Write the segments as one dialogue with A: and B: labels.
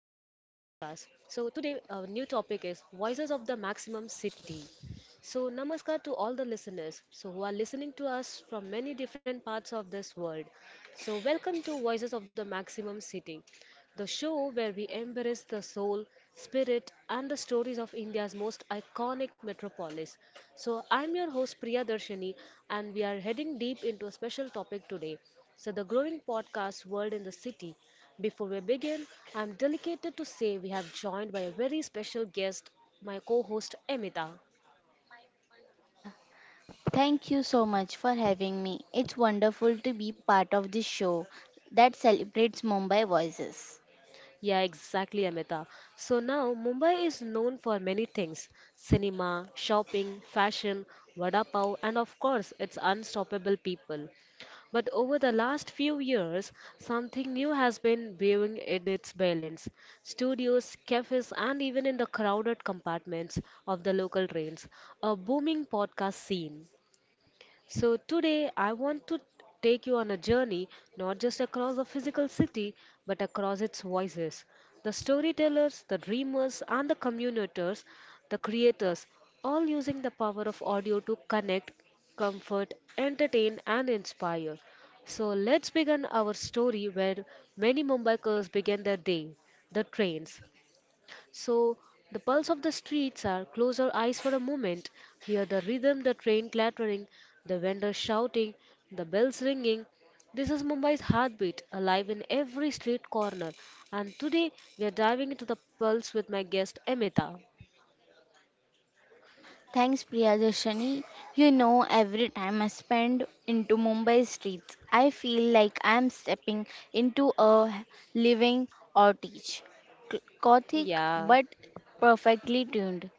A: podcast. So today our new topic is Voices of the Maximum City. So namaskar to all the listeners so who are listening to us from many different parts of this world. So welcome to Voices of the Maximum City, the show where we embrace the soul, spirit and the stories of India's most iconic metropolis. So I'm your host Priya Darshani and we are heading deep into a special topic today. So the growing podcast world in the city before we begin, I'm delighted to say we have joined by a very special guest, my co host Amita.
B: Mala. Thank you so much for having me. It's wonderful to be part of this show that celebrates Mumbai voices.
A: Yeah, exactly, Amita. So now, Mumbai is known for many things, cinema, shopping, fashion, vada pav, and of course, its unstoppable people. But over the last few years, something new has been brewing in its balance. Studios, cafes, and even in the crowded compartments of the local trains, a booming podcast scene. So today I want to take you on a journey not just across the physical city but across its voices. The storytellers, the dreamers, and the communicators, the creators, all using the power of audio to connect, comfort, entertain, and inspire. So let's begin our story where many Mumbaikars begin their day, the trains. So the pulse of the streets are close our eyes for a moment, hear the rhythm, the train clattering, the vendors shouting, the bells ringing. This is Mumbai's heartbeat, alive in every street corner. And today we are diving into the pulse with my guest Amita.
B: Thanks, Priyadashani. You know, every time I spend into Mumbai streets, I feel like I'm stepping into a living or teach. Gothic
A: Yeah,
B: but perfectly tuned.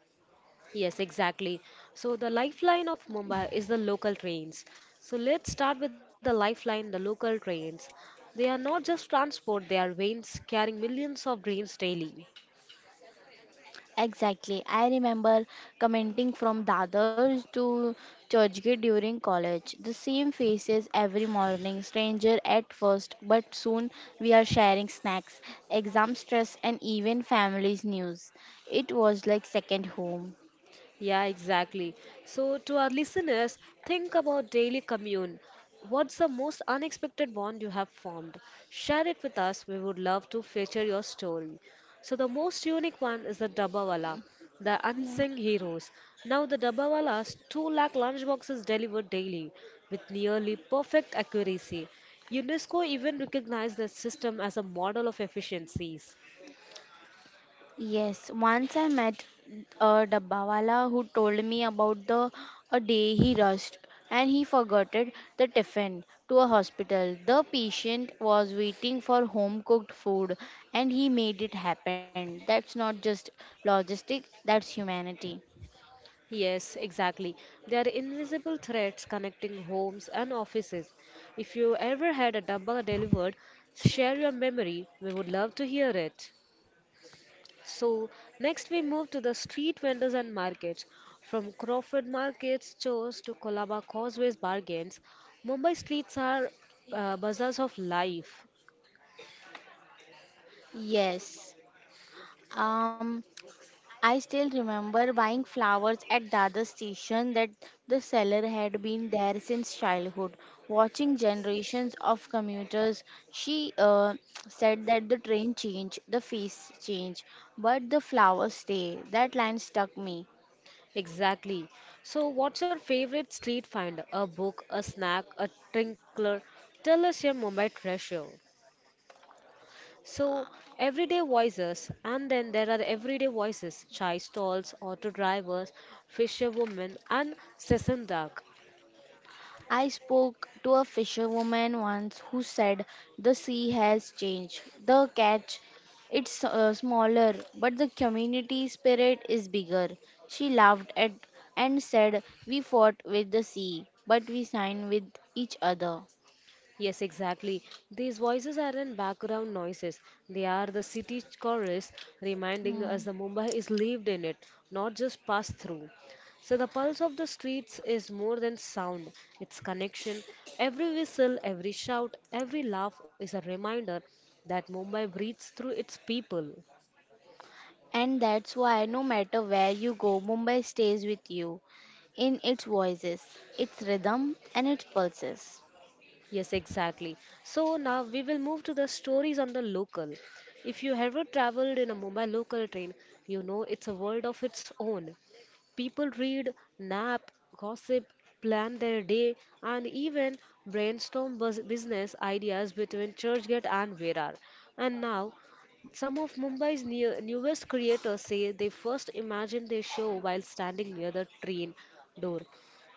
A: yes, exactly. So the lifeline of Mumbai is the local trains. So let's start with the lifeline, the local trains. They are not just transport, they are veins carrying millions of dreams daily.
B: Exactly. I remember commenting from Dadar to Churchgate during college. The same faces every morning, stranger at first, but soon we are sharing snacks, exam stress, and even family's news. It was like second home.
A: Yeah, exactly. So to our listeners, think about daily commune. What's the most unexpected bond you have formed? Share it with us. We would love to feature your story. So the most unique one is the Dabbawala, the
B: Yeah.
A: unsung heroes. Now, the Dabbawalas 2 lakh lunchboxes delivered daily with nearly perfect accuracy. UNESCO even recognized the system as a model of efficiencies.
B: Yes, once I met a dabbawala who told me about the a day he rushed and he forgot it, the tiffin to a hospital. The patient was waiting for home cooked food and he made it happen. That's not just logistics, that's humanity.
A: Yes, exactly. They are invisible threads connecting homes and offices. If you ever had a dabba delivered, share your memory. We would love to hear it. So next we move to the street vendors and markets. From Crawford Market's stores to Colaba Causeway's bargains, Mumbai streets are bazaars of life.
B: Yes. Um I still remember buying flowers at Dada station that the seller had been there since childhood. Watching generations of commuters, she said that the train change, the face change, but the flowers stay. That line stuck me.
A: Exactly. So what's your favorite street find? A book, a snack, a tinkler? Tell us your Mumbai treasure. So everyday voices, and then there are everyday voices chai stalls, auto drivers, fisherwomen, and session dark.
B: I spoke to a fisherwoman once who said the sea has changed. The catch it's smaller, but the community spirit is bigger. She laughed at and said, "We fought with the sea, but we signed with each other."
A: Yes, exactly. These voices aren't background noises, they are the city chorus reminding us
B: Hmm.
A: that Mumbai is lived in it, not just passed through. So the pulse of the streets is more than sound, it's connection. Every whistle, every shout, every laugh is a reminder that Mumbai breathes through its people.
B: And that's why no matter where you go, Mumbai stays with you in its voices, its rhythm, and its pulses.
A: Yes, exactly. So now we will move to the stories on the local. If you ever traveled in a Mumbai local train, you know it's a world of its own. People read, nap, gossip, plan their day, and even brainstorm business ideas between Churchgate and Virar. And now, some of Mumbai's newest creators say they first imagined their show while standing near the train door,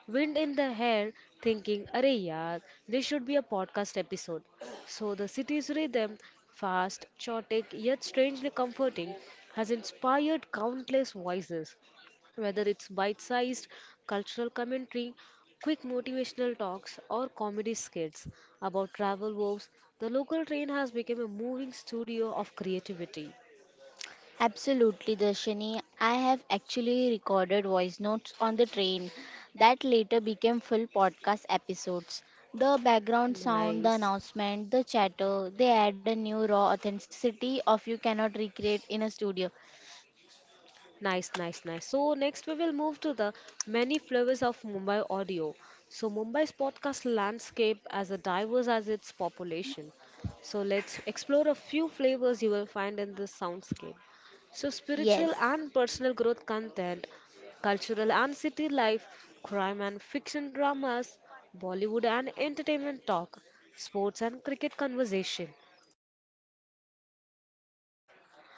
A: wind in the hair, thinking, "Arey yaar, this should be a podcast episode." So the city's rhythm, fast, chaotic, yet strangely comforting, has inspired countless voices, whether it's bite sized cultural commentary, quick motivational talks, or comedy skits about travel woes, the local train has become a moving studio of creativity.
B: Absolutely, Darshini. I have actually recorded voice notes on the train that later became full podcast episodes. The background
A: Nice.
B: sound, the announcement, the chatter, they add a new raw authenticity of you cannot recreate in a studio.
A: Nice, nice, nice. So next we will move to the many flavors of Mumbai audio. So Mumbai's podcast landscape as a diverse as its population. So let's explore a few flavors you will find in this soundscape. So
B: Yes.
A: spiritual and personal growth content, cultural and city life, crime and fiction dramas, Bollywood and entertainment talk, sports and cricket conversation.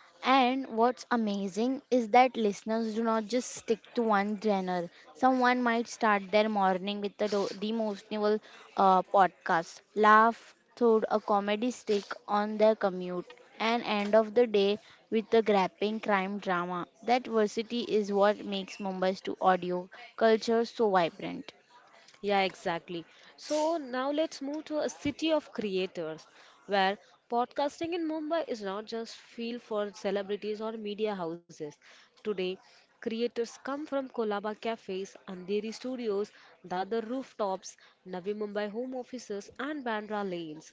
B: And what's amazing is that listeners do not just stick to one genre. Someone might start their morning with the, the emotional podcast, laugh through a comedy stick on their commute, and end of the day with a grappling crime drama. That diversity is what makes Mumbai's to audio culture so vibrant.
A: Yeah, exactly. So now let's move to a city of creators where podcasting in Mumbai is not just field for celebrities or media houses. Today, creators come from Kolaba cafes, Andheri studios, Dadar rooftops, Navi Mumbai home offices and Bandra lanes.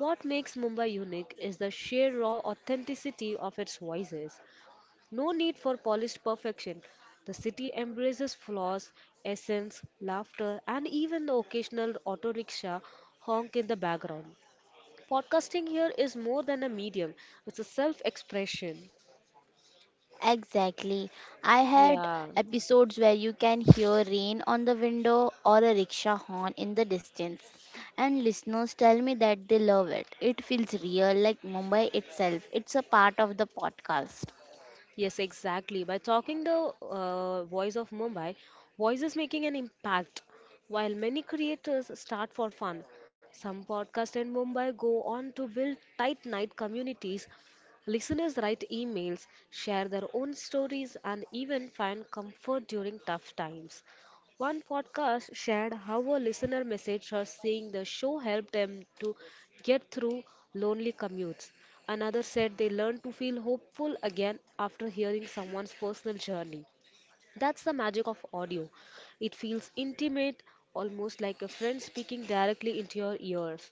A: What makes Mumbai unique is the sheer raw authenticity of its voices. No need for polished perfection. The city embraces flaws, essence, laughter, and even the occasional auto rickshaw honk in the background. Podcasting here is more than a medium, it's a self expression.
B: Exactly. I had
A: Yeah.
B: episodes where you can hear rain on the window or a rickshaw horn in the distance. And listeners tell me that they love it. It feels real, like Mumbai itself. It's a part of the podcast.
A: Yes, exactly. By talking the voice of Mumbai, voice is making an impact. While many creators start for fun, some podcasts in Mumbai go on to build tight knit communities. Listeners write emails, share their own stories, and even find comfort during tough times. One podcast shared how a listener messaged her saying the show helped them to get through lonely commutes. Another said they learned to feel hopeful again after hearing someone's personal journey. That's the magic of audio. It feels intimate, almost like a friend speaking directly into your ears.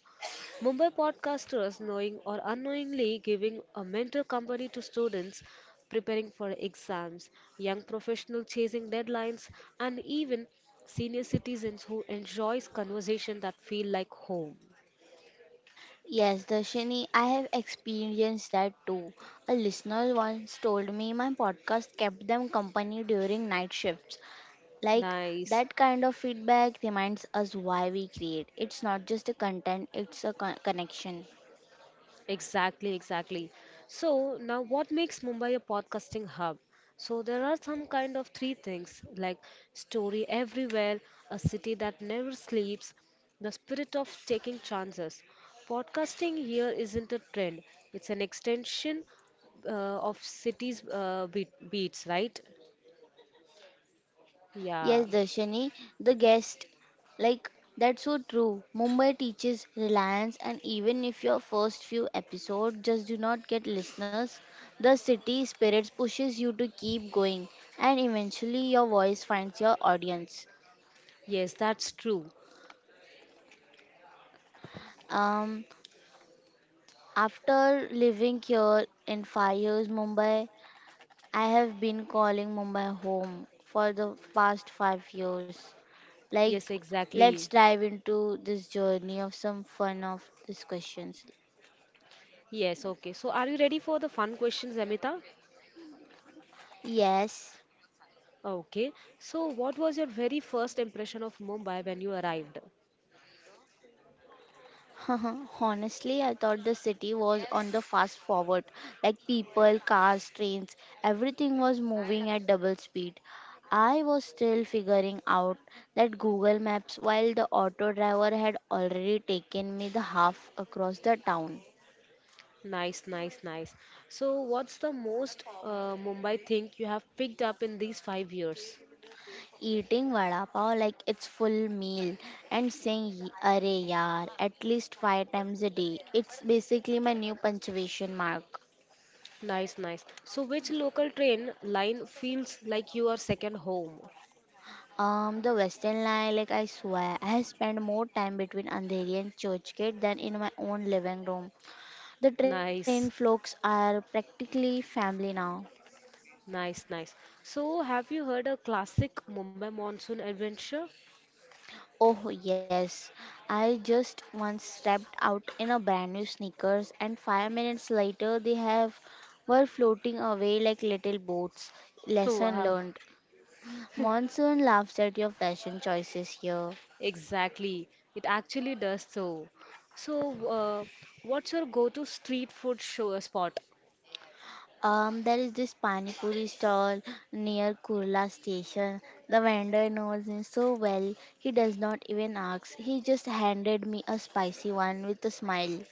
A: Mumbai podcasters knowing or unknowingly giving a mental company to students preparing for exams, young professionals chasing deadlines, and even senior citizens who enjoys conversation that feel like home.
B: Yes, Darshini, I have experienced that too. A listener once told me my podcast kept them company during night shifts. Like
A: Nice.
B: that kind of feedback reminds us why we create. It's not just a content, it's a connection.
A: Exactly, exactly. So now what makes Mumbai a podcasting hub? So there are some kind of three things like story everywhere, a city that never sleeps, the spirit of taking chances. Podcasting here isn't a trend, it's an extension of cities beats, right?
B: Yes,
A: Yeah.
B: Darshani, the guest, like that's so true. Mumbai teaches reliance, and even if your first few episodes just do not get listeners, the city spirit pushes you to keep going, and eventually your voice finds your audience.
A: Yes, that's true.
B: Um, after living here in 5 years, Mumbai, I have been calling Mumbai home for the past 5 years.
A: Yes,
B: Like, let's
A: exactly.
B: dive into this journey of some fun of these questions.
A: Yes, okay. So are you ready for the fun questions, Amita?
B: Yes.
A: Okay, so what was your very first impression of Mumbai when you arrived?
B: Honestly, I thought the city was on the fast forward. Like people, cars, trains, everything was moving at double speed. I was still figuring out that Google Maps while the auto driver had already taken me the half across the town.
A: Nice, nice, nice. So what's the most Mumbai thing you have picked up in these 5 years?
B: Eating vada pav like it's full meal and saying "Ye- arey yaar at least 5 times a day. It's basically my new punctuation mark.
A: Nice, nice. So which local train line feels like your second home?
B: The Western line, like I swear, I have spent more time between Andheri and Churchgate than in my own living room. The train
A: Nice,
B: folks are practically family now.
A: nice, nice. So have you heard a classic Mumbai monsoon adventure?
B: Oh, yes. I just once stepped out in a brand new sneakers, and 5 minutes later, they have were floating away like little boats. Lesson
A: Wow,
B: learned. Monsoon laughs at your fashion choices here.
A: exactly. It actually does so. So, what's your go-to street food show spot?
B: There is this pani puri stall near Kurla station. The vendor knows me so well, he does not even ask. He just handed me a spicy one with a smile.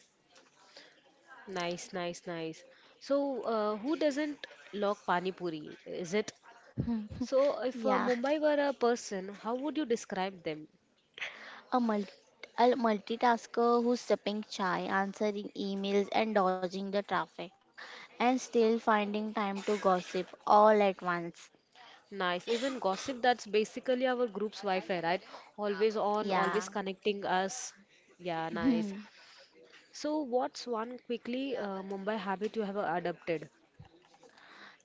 A: Nice, nice, nice. So, who doesn't love Pani Puri? Is it? So if
B: Yeah.
A: Mumbai were a person, how would you describe them?
B: A, multi a multitasker who's sipping chai, answering emails, and dodging the traffic, and still finding time to gossip all at once.
A: Nice. Even gossip, that's basically our group's Wi-Fi, right? Always on,
B: Yeah.
A: always connecting us. Yeah, nice.
B: Hmm.
A: So what's one quickly Mumbai habit you have adopted?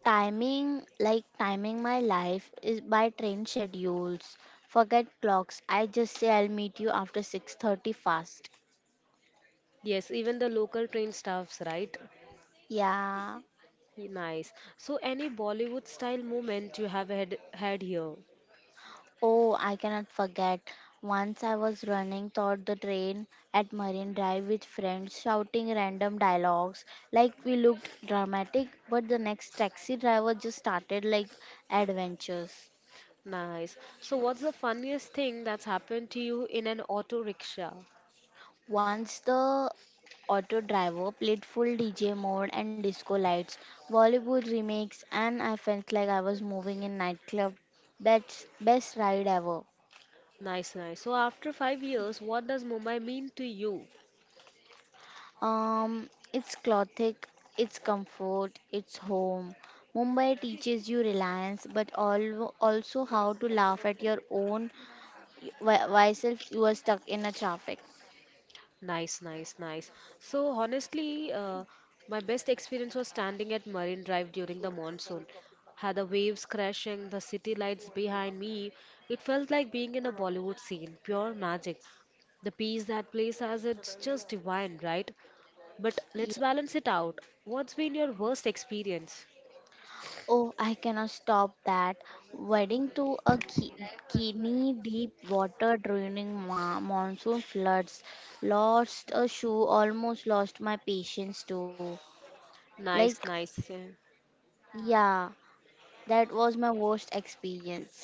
B: Timing, like timing my life, is by train schedules. Forget clocks. I just say I'll meet you after 6:30 fast.
A: Yes, even the local train staffs, right?
B: Yeah.
A: Nice. So any Bollywood style moment you have had here?
B: Oh, I cannot forget. Once I was running toward the train at Marine Drive with friends shouting random dialogues. Like we looked dramatic, but the next taxi driver just started like adventures.
A: Nice. So what's the
B: Choose.
A: funniest thing that's happened to you in an auto rickshaw?
B: Once the auto driver played full DJ mode and disco lights, Bollywood remakes, and I felt like I was moving in nightclub. Best, best ride ever.
A: Nice, nice. So after 5 years, what does Mumbai mean to you?
B: It's clothic, it's comfort, it's home. Mumbai teaches you reliance, but also how to laugh at your own why self you are stuck in a traffic.
A: Nice, nice, nice. So honestly, my best experience was standing at Marine Drive during the monsoon. Had the waves crashing, the city lights behind me. It felt like being in a Bollywood scene, pure magic. The peace that place has, it's just divine, right? But
B: Yeah.
A: let's balance it out. What's been your worst experience?
B: Oh, I cannot stop that. Wedding to a kidney deep water draining monsoon floods. Lost a shoe, almost lost my patience too. Like,
A: Nice, nice,
B: yeah, that was my worst experience.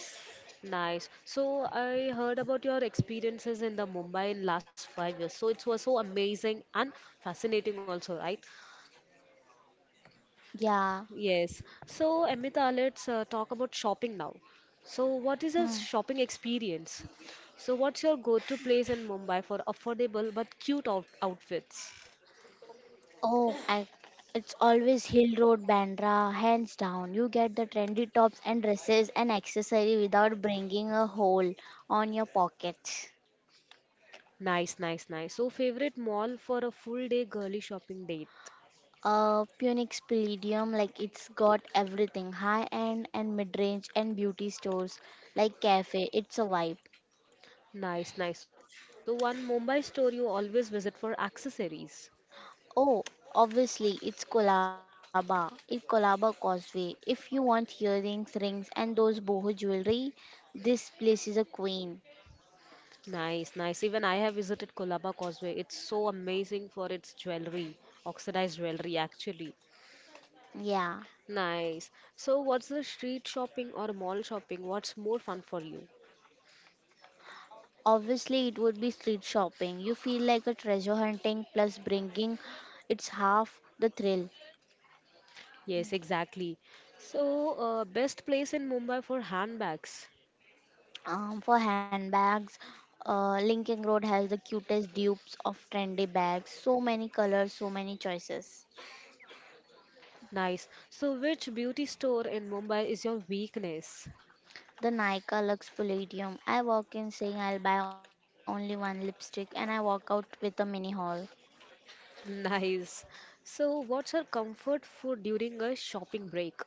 A: nice. So I heard about your experiences in the Mumbai in last 5 years. So it was so amazing and fascinating also, right?
B: Yeah,
A: Yes. So Amita, let's talk about shopping now. So what is your
B: Mm.
A: shopping experience? So what's your go-to place in Mumbai for affordable but cute outfits?
B: Oh, I, it's always Hill Road, Bandra, hands down. You get the trendy tops and dresses and accessory without bringing a hole on your pockets.
A: Nice, nice, nice. So favorite mall for a full day girly shopping date?
B: Phoenix Palladium, like it's got everything, high end and mid range and beauty stores like cafe. It's a vibe.
A: Nice, nice. So one Mumbai store you always visit for accessories.
B: Oh, obviously it's Kolaba. It's Kolaba Causeway. If you want earrings, rings, and those boho jewelry, this place is a queen.
A: Nice, nice. Even I have visited Kolaba Causeway. It's so amazing for its jewelry, oxidized jewelry, actually.
B: Yeah.
A: Nice. So what's the street shopping or mall shopping? What's more fun for you?
B: Obviously, it would be street shopping. You feel like a treasure hunting plus bringing it's half the thrill.
A: Yes, exactly. So, best place in Mumbai for handbags.
B: For handbags, Linking Road has the cutest dupes of trendy bags. So many colors, so many choices.
A: Nice. So which beauty store in Mumbai is your weakness?
B: The Nika Lux Palladium. I walk in saying I'll buy only one lipstick and I walk out with a mini haul.
A: Nice. So what's your comfort food during a shopping break?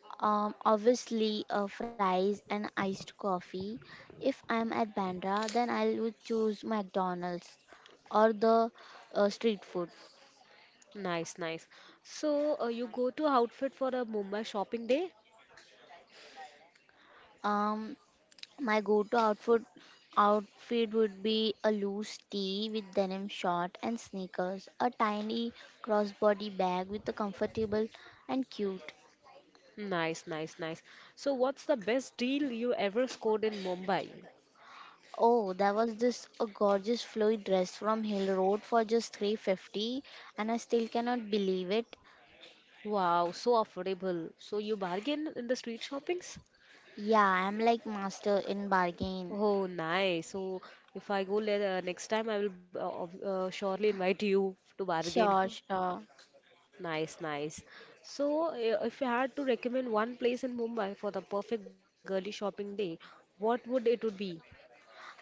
B: Fries and iced coffee. If I am at Bandra, then I would choose McDonald's or the street food.
A: Nice, nice. So, you go to outfit for a Mumbai shopping day?
B: Um, my go-to outfit outfit would be a loose tee with denim short and sneakers, a tiny crossbody bag with a comfortable and cute.
A: Nice, nice, nice. So what's the best deal you ever scored in Mumbai?
B: Oh, there was this a gorgeous flowy dress from Hill Road for just 350 and I still cannot believe it.
A: Wow, so affordable. So you bargain in the street shoppings?
B: Yeah, I'm like master in bargain.
A: Oh, nice. So if I next time, I will surely invite you to bargain.
B: Sure, sure.
A: Nice, nice. So, if you had to recommend one place in Mumbai for the perfect girly shopping day, what would it would be?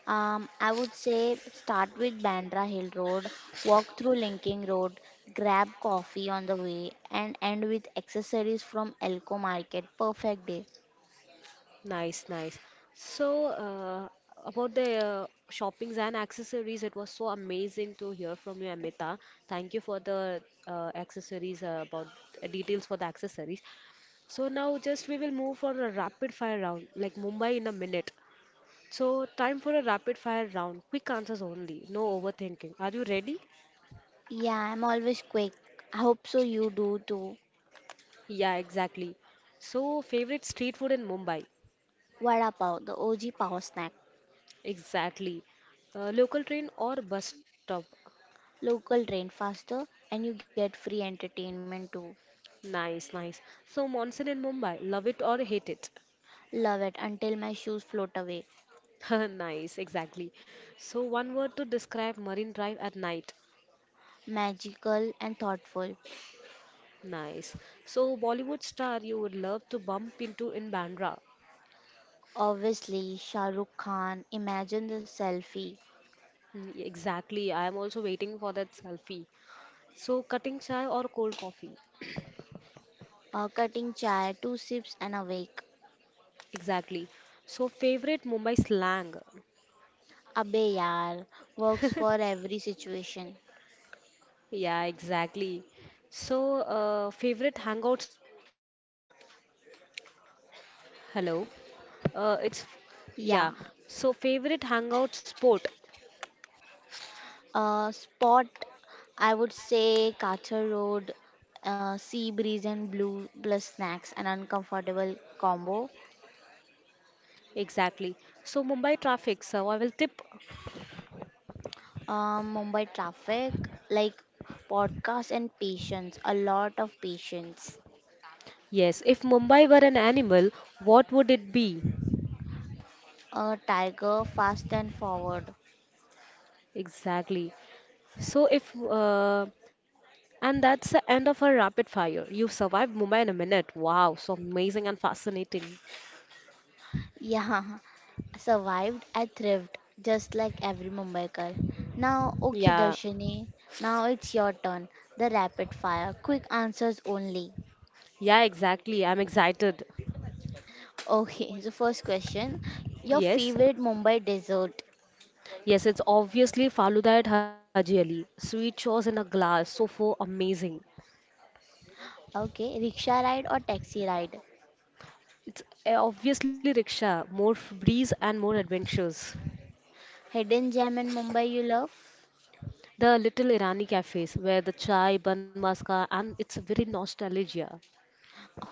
B: I would say start with Bandra Hill Road, walk through Linking Road, grab coffee on the way, and end with accessories from Elko Market. Perfect day.
A: Nice, nice. So, about the shoppings and accessories, it was so amazing to hear from you, Amita. Thank you for the accessories, about details for the accessories. So now just we will move for a rapid fire round, like Mumbai in a minute. So time for a rapid fire round, quick answers only, no overthinking. Are you ready?
B: Yeah, I'm always quick. I hope so you do too.
A: Yeah, exactly. So favorite street food in Mumbai?
B: Vada Pav, the OG power snack.
A: Exactly. Local train or bus stop?
B: Local train faster, and you get free entertainment too.
A: Nice, nice. So monsoon in Mumbai, love it or hate it.
B: Love it until my shoes float away.
A: Nice, exactly. So one word to describe Marine Drive at night.
B: Magical and thoughtful.
A: Nice. So Bollywood star you would love to bump into in Bandra.
B: Obviously, Shah Rukh Khan, imagine the selfie.
A: Mm, exactly. I am also waiting for that selfie. So cutting chai or cold coffee.
B: Cutting chai, two sips and awake.
A: Exactly. So favorite Mumbai slang.
B: Abe yaar, works for every situation.
A: Yeah, exactly. So favorite hangout spot. Hello. It's
B: Yeah.
A: yeah. So favorite hangout spot
B: Uh, spot, I would say Kachar Road, sea breeze and blue plus snacks, an uncomfortable combo.
A: exactly. So Mumbai traffic. So I will tip.
B: Mumbai traffic, like podcast and patience, a lot of patience.
A: Yes, if Mumbai were an animal, what would it be?
B: A tiger, fast and forward.
A: Exactly. So if and that's the end of our rapid fire. You survived Mumbai in a minute. Wow, so amazing and fascinating.
B: Yeah, survived. I thrived, just like every Mumbaikar. Now, okay,
A: Yeah,
B: Darshini, now it's your turn. The rapid fire, quick answers only.
A: yeah, exactly. I'm excited.
B: Okay, so first question, your
A: Yes,
B: favorite Mumbai dessert?
A: yes, it's obviously Faluda at Haji Ali. Sweet chores in a glass, so for amazing.
B: Okay, rickshaw ride or taxi ride?
A: It's obviously rickshaw, more breeze and more adventures.
B: Hidden gem in Mumbai you love?
A: The little Irani cafes where the chai, bun maska, and it's very nostalgia.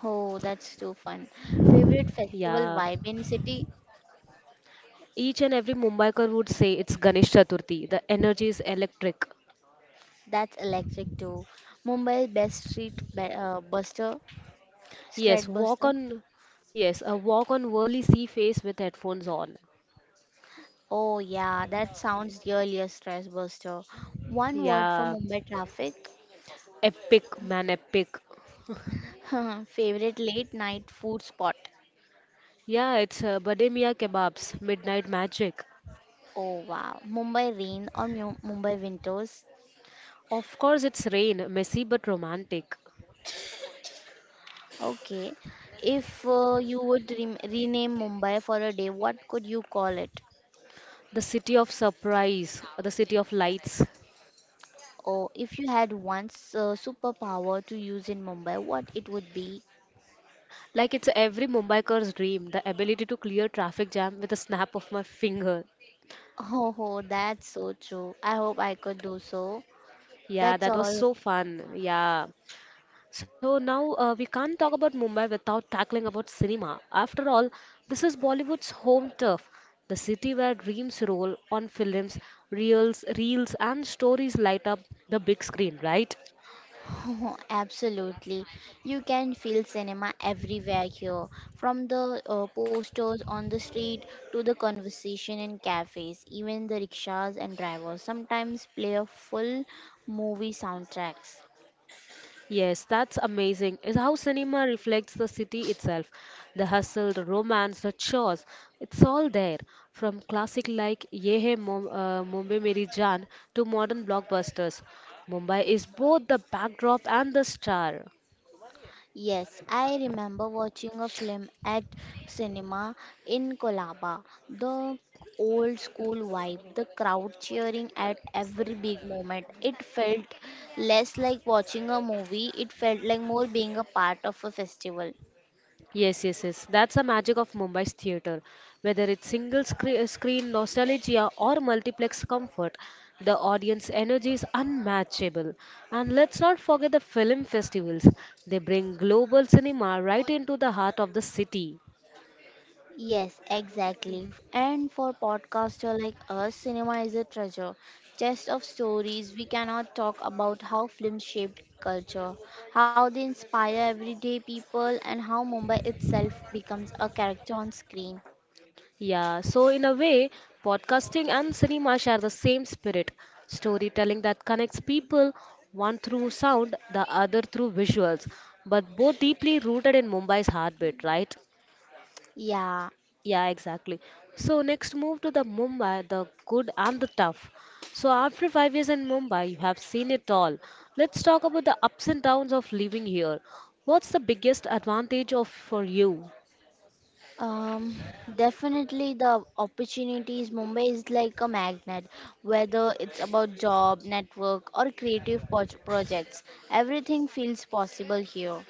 B: Oh, that's too fun. Favorite festival
A: Yeah,
B: vibe in city?
A: each and every Mumbaikar would say it's Ganesh Chaturthi. The energy is electric.
B: That's electric too. Mumbai's best
A: Yes,
B: street
A: walk
B: buster.
A: on. Yes, a walk on whirly sea face with headphones on.
B: Oh, yeah, that sounds really a stress buster. One word for
A: Yeah,
B: Mumbai traffic.
A: epic man, epic.
B: Favorite late night food spot.
A: Yeah, it's Bademia kebabs, midnight magic.
B: Oh, wow. Mumbai rain or Mumbai winters.
A: Of course, it's rain, messy but romantic.
B: Okay. If you would rem rename Mumbai for a day, what could you call it?
A: The city of surprise, the city of lights.
B: Or if you had once superpower to use in Mumbai, what it would be?
A: Like it's every Mumbaiker's dream, the ability to clear traffic jam with a snap of my finger.
B: Oh, that's so true. I hope I could do so.
A: Yeah,
B: That's
A: that was
B: all.
A: so fun. Yeah. So now we can't talk about Mumbai without tackling about cinema. After all, this is Bollywood's home turf, the city where dreams roll on films, reels and stories light up the big screen, right?
B: Oh, absolutely. You can feel cinema everywhere here, from the posters on the street to the conversation in cafes, even the rickshaws and drivers sometimes play a full movie soundtracks.
A: Yes, that's amazing. Is how cinema reflects the city itself. The hustle, the romance, the chores, it's all there. From classic like Mumbai Meri Jaan to modern blockbusters, Mumbai is both the backdrop and the star.
B: Yes, I remember watching a film at cinema in Kolaba. The old school vibe, the crowd cheering at every big moment. It felt less like watching a movie, it felt like more being a part of a festival.
A: Yes. That's the magic of Mumbai's theatre. Whether it's screen nostalgia or multiplex comfort, the audience energy is unmatchable. And let's not forget the film festivals. They bring global cinema right into the heart of the city.
B: Yes, exactly. And for podcaster like us, cinema is a treasure chest of stories. We cannot talk about how films shaped culture, how they inspire everyday people, and how Mumbai itself becomes a character on screen.
A: Yeah, so in a way, podcasting and cinema share the same spirit. Storytelling that connects people, one through sound, the other through visuals, but both deeply rooted in Mumbai's heartbeat, right?
B: Yeah,
A: Yeah, exactly. So next move to the Mumbai, the good and the tough. So after 5 years in Mumbai, you have seen it all. Let's talk about the ups and downs of living here. What's the biggest advantage of for you?
B: um, definitely the opportunities. Mumbai is like a magnet, whether it's about job, network, or creative projects. Everything feels possible here.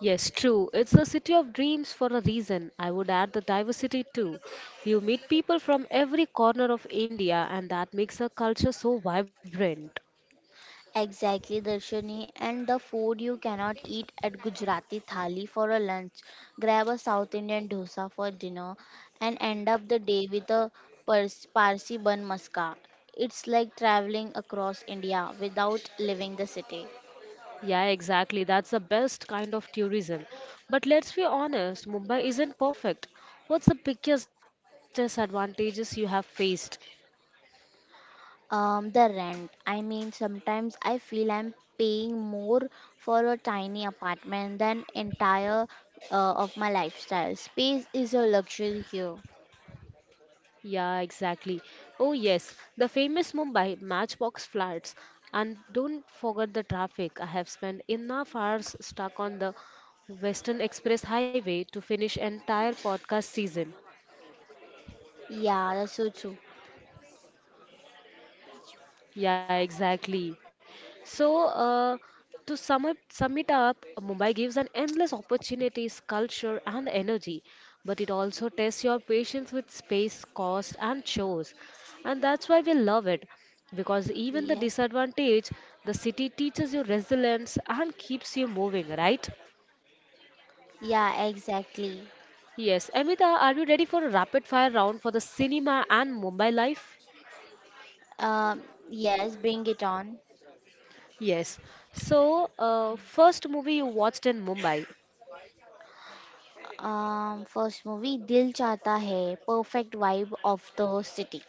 A: Yes, true. It's a city of dreams for a reason. I would add the diversity too. You meet people from every corner of India, and that makes a culture so vibrant.
B: Exactly, Darshani. And the food you cannot eat at Gujarati thali for a lunch. Grab a South Indian dosa for dinner and end up the day with a Parsi bun maska. It's like traveling across India without leaving the city.
A: Yeah, exactly. That's the best kind of tourism. But let's be honest, Mumbai isn't perfect. What's the biggest disadvantages you have faced?
B: The rent. I mean, sometimes I feel I'm paying more for a tiny apartment than entire of my lifestyle. Space is a luxury here.
A: Yeah, exactly. Oh, yes, the famous Mumbai matchbox flats. And don't forget the traffic. I have spent enough hours stuck on the Western Express Highway to finish entire podcast season.
B: Yeah, that's so true.
A: Yeah, exactly. So, to sum up, sum it up, Mumbai gives an endless opportunities, culture, and energy, but it also tests your patience with space, cost, and chores, and that's why we love it, because even the
B: Yes.
A: disadvantage, the city teaches you resilience and keeps you moving, right?
B: Yeah, exactly.
A: Yes, Amita, are you ready for a rapid fire round for the cinema and Mumbai life?
B: Um, yes, bring it on.
A: Yes. So, first movie you watched in Mumbai?
B: First movie, Dil Chata Hai, perfect vibe of the city.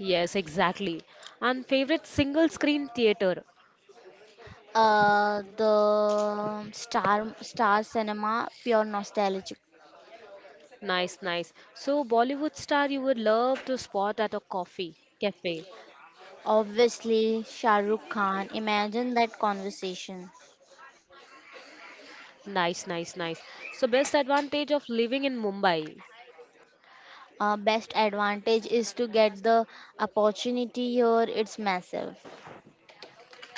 A: Yes, exactly. And favorite single screen theater.
B: The star cinema, pure nostalgic.
A: Nice, nice. So Bollywood star you would love to spot at a coffee cafe.
B: Obviously, Shah Rukh Khan. Imagine that conversation.
A: Nice. So best advantage of living in Mumbai.
B: Best advantage is to get the opportunity here. It's massive.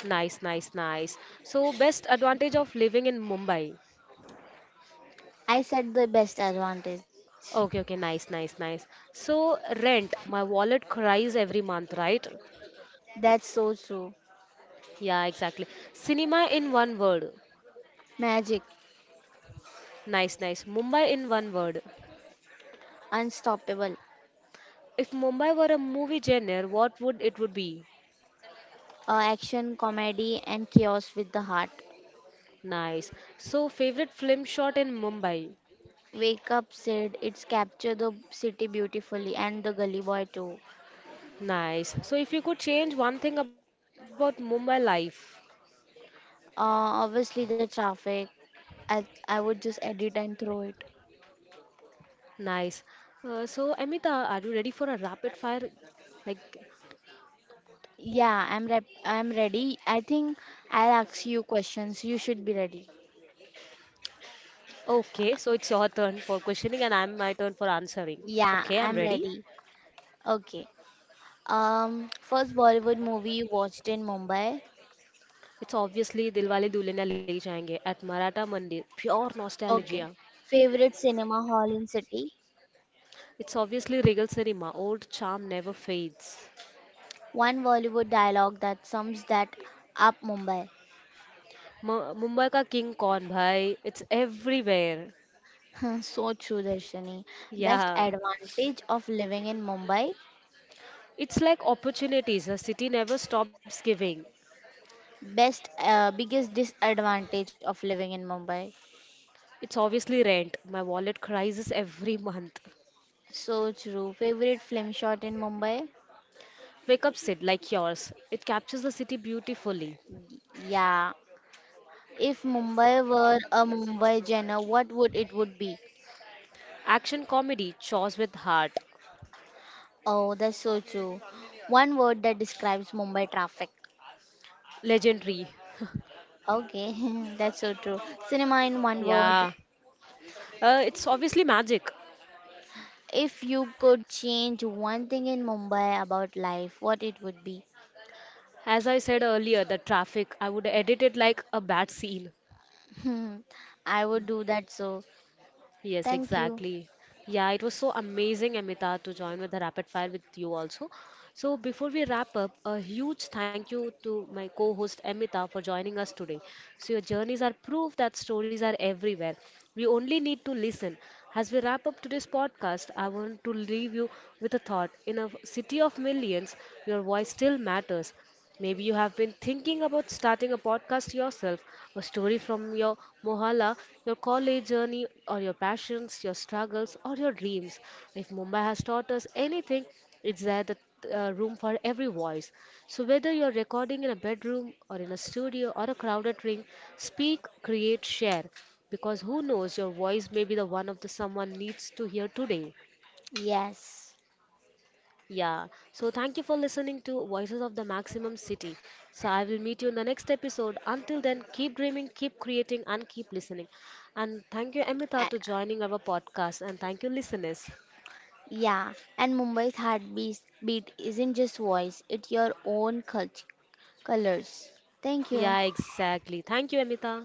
A: Nice. So best advantage of living in Mumbai.
B: I said the best advantage.
A: Okay, okay, nice. So rent, my wallet cries every month, right?
B: That's so true.
A: Yeah, exactly. Cinema in one word.
B: Magic,
A: Nice, nice. Mumbai in one word.
B: unstoppable.
A: If Mumbai were a movie genre, what would it would be?
B: Action, comedy, and chaos with the heart.
A: Nice. So favorite film shot in Mumbai.
B: Wake Up said it's capture the city beautifully and the gully boy too.
A: Nice. So if you could change one thing about Mumbai life.
B: Obviously the traffic. I would just edit and throw it.
A: Nice. So Amita, are you ready for a rapid fire? Like,
B: Yeah, I'm ready. I think I'll ask you questions. You should be ready.
A: okay, so it's your turn for questioning and I'm my turn for answering. Okay, I'm
B: Yeah,
A: ready.
B: I'm ready. Okay. First Bollywood movie you watched in Mumbai.
A: It's obviously Dilwale Dulhania Le Jayenge at Maratha Mandir. Pure nostalgia.
B: Okay. Favorite cinema hall in city.
A: It's obviously Regal Cinema. Old charm never fades.
B: One Bollywood dialogue that sums that up Mumbai.
A: Mumbai ka king kaun bhai? It's everywhere.
B: Huh, so true, Darshani. Best
A: Yeah.
B: advantage of living in Mumbai.
A: It's like opportunities. The city never stops giving.
B: Best, biggest disadvantage of living in Mumbai.
A: It's obviously rent. My wallet crises every month.
B: So true. Favorite film shot in Mumbai?
A: Wake up Sid like yours. It captures the city beautifully.
B: Yeah. If Mumbai were a Mumbai genre, what would it would be?
A: Action comedy, chores with heart.
B: Oh, that's so true. One word that describes Mumbai traffic.
A: Legendary.
B: Okay, that's so true. Cinema in one word.
A: Yeah. It's obviously magic.
B: If you could change one thing in Mumbai about life, what it would be?
A: As I said earlier, the traffic, I would edit it like a bad scene.
B: Hmm, I would do that so.
A: Yes,
B: Thank you.
A: exactly. Yeah, it was so amazing, Amita, to join with the rapid fire with you also. So, before we wrap up, a huge thank you to my co host Amita for joining us today. So, your journeys are proof that stories are everywhere. We only need to listen. As we wrap up today's podcast, I want to leave you with a thought. In a city of millions, your voice still matters. Maybe you have been thinking about starting a podcast yourself, a story from your mohalla, your college journey, or your passions, your struggles, or your dreams. If Mumbai has taught us anything, it's that the room for every voice. So whether you're recording in a bedroom or in a studio or a crowded ring, speak, create, share. Because who knows, your voice may be the one of the someone needs to hear today.
B: Yes.
A: Yeah. So thank you for listening to Voices of the Maximum City. So I will meet you in the next episode. Until then, keep dreaming, keep creating, and keep listening. And thank you, Amita, to
B: A-
A: joining our podcast. And thank you, listeners.
B: yeah. And Mumbai's heartbeat beat isn't just voice, it's your own colors. Thank
A: Yeah,
B: you.
A: exactly. Thank you, Amita.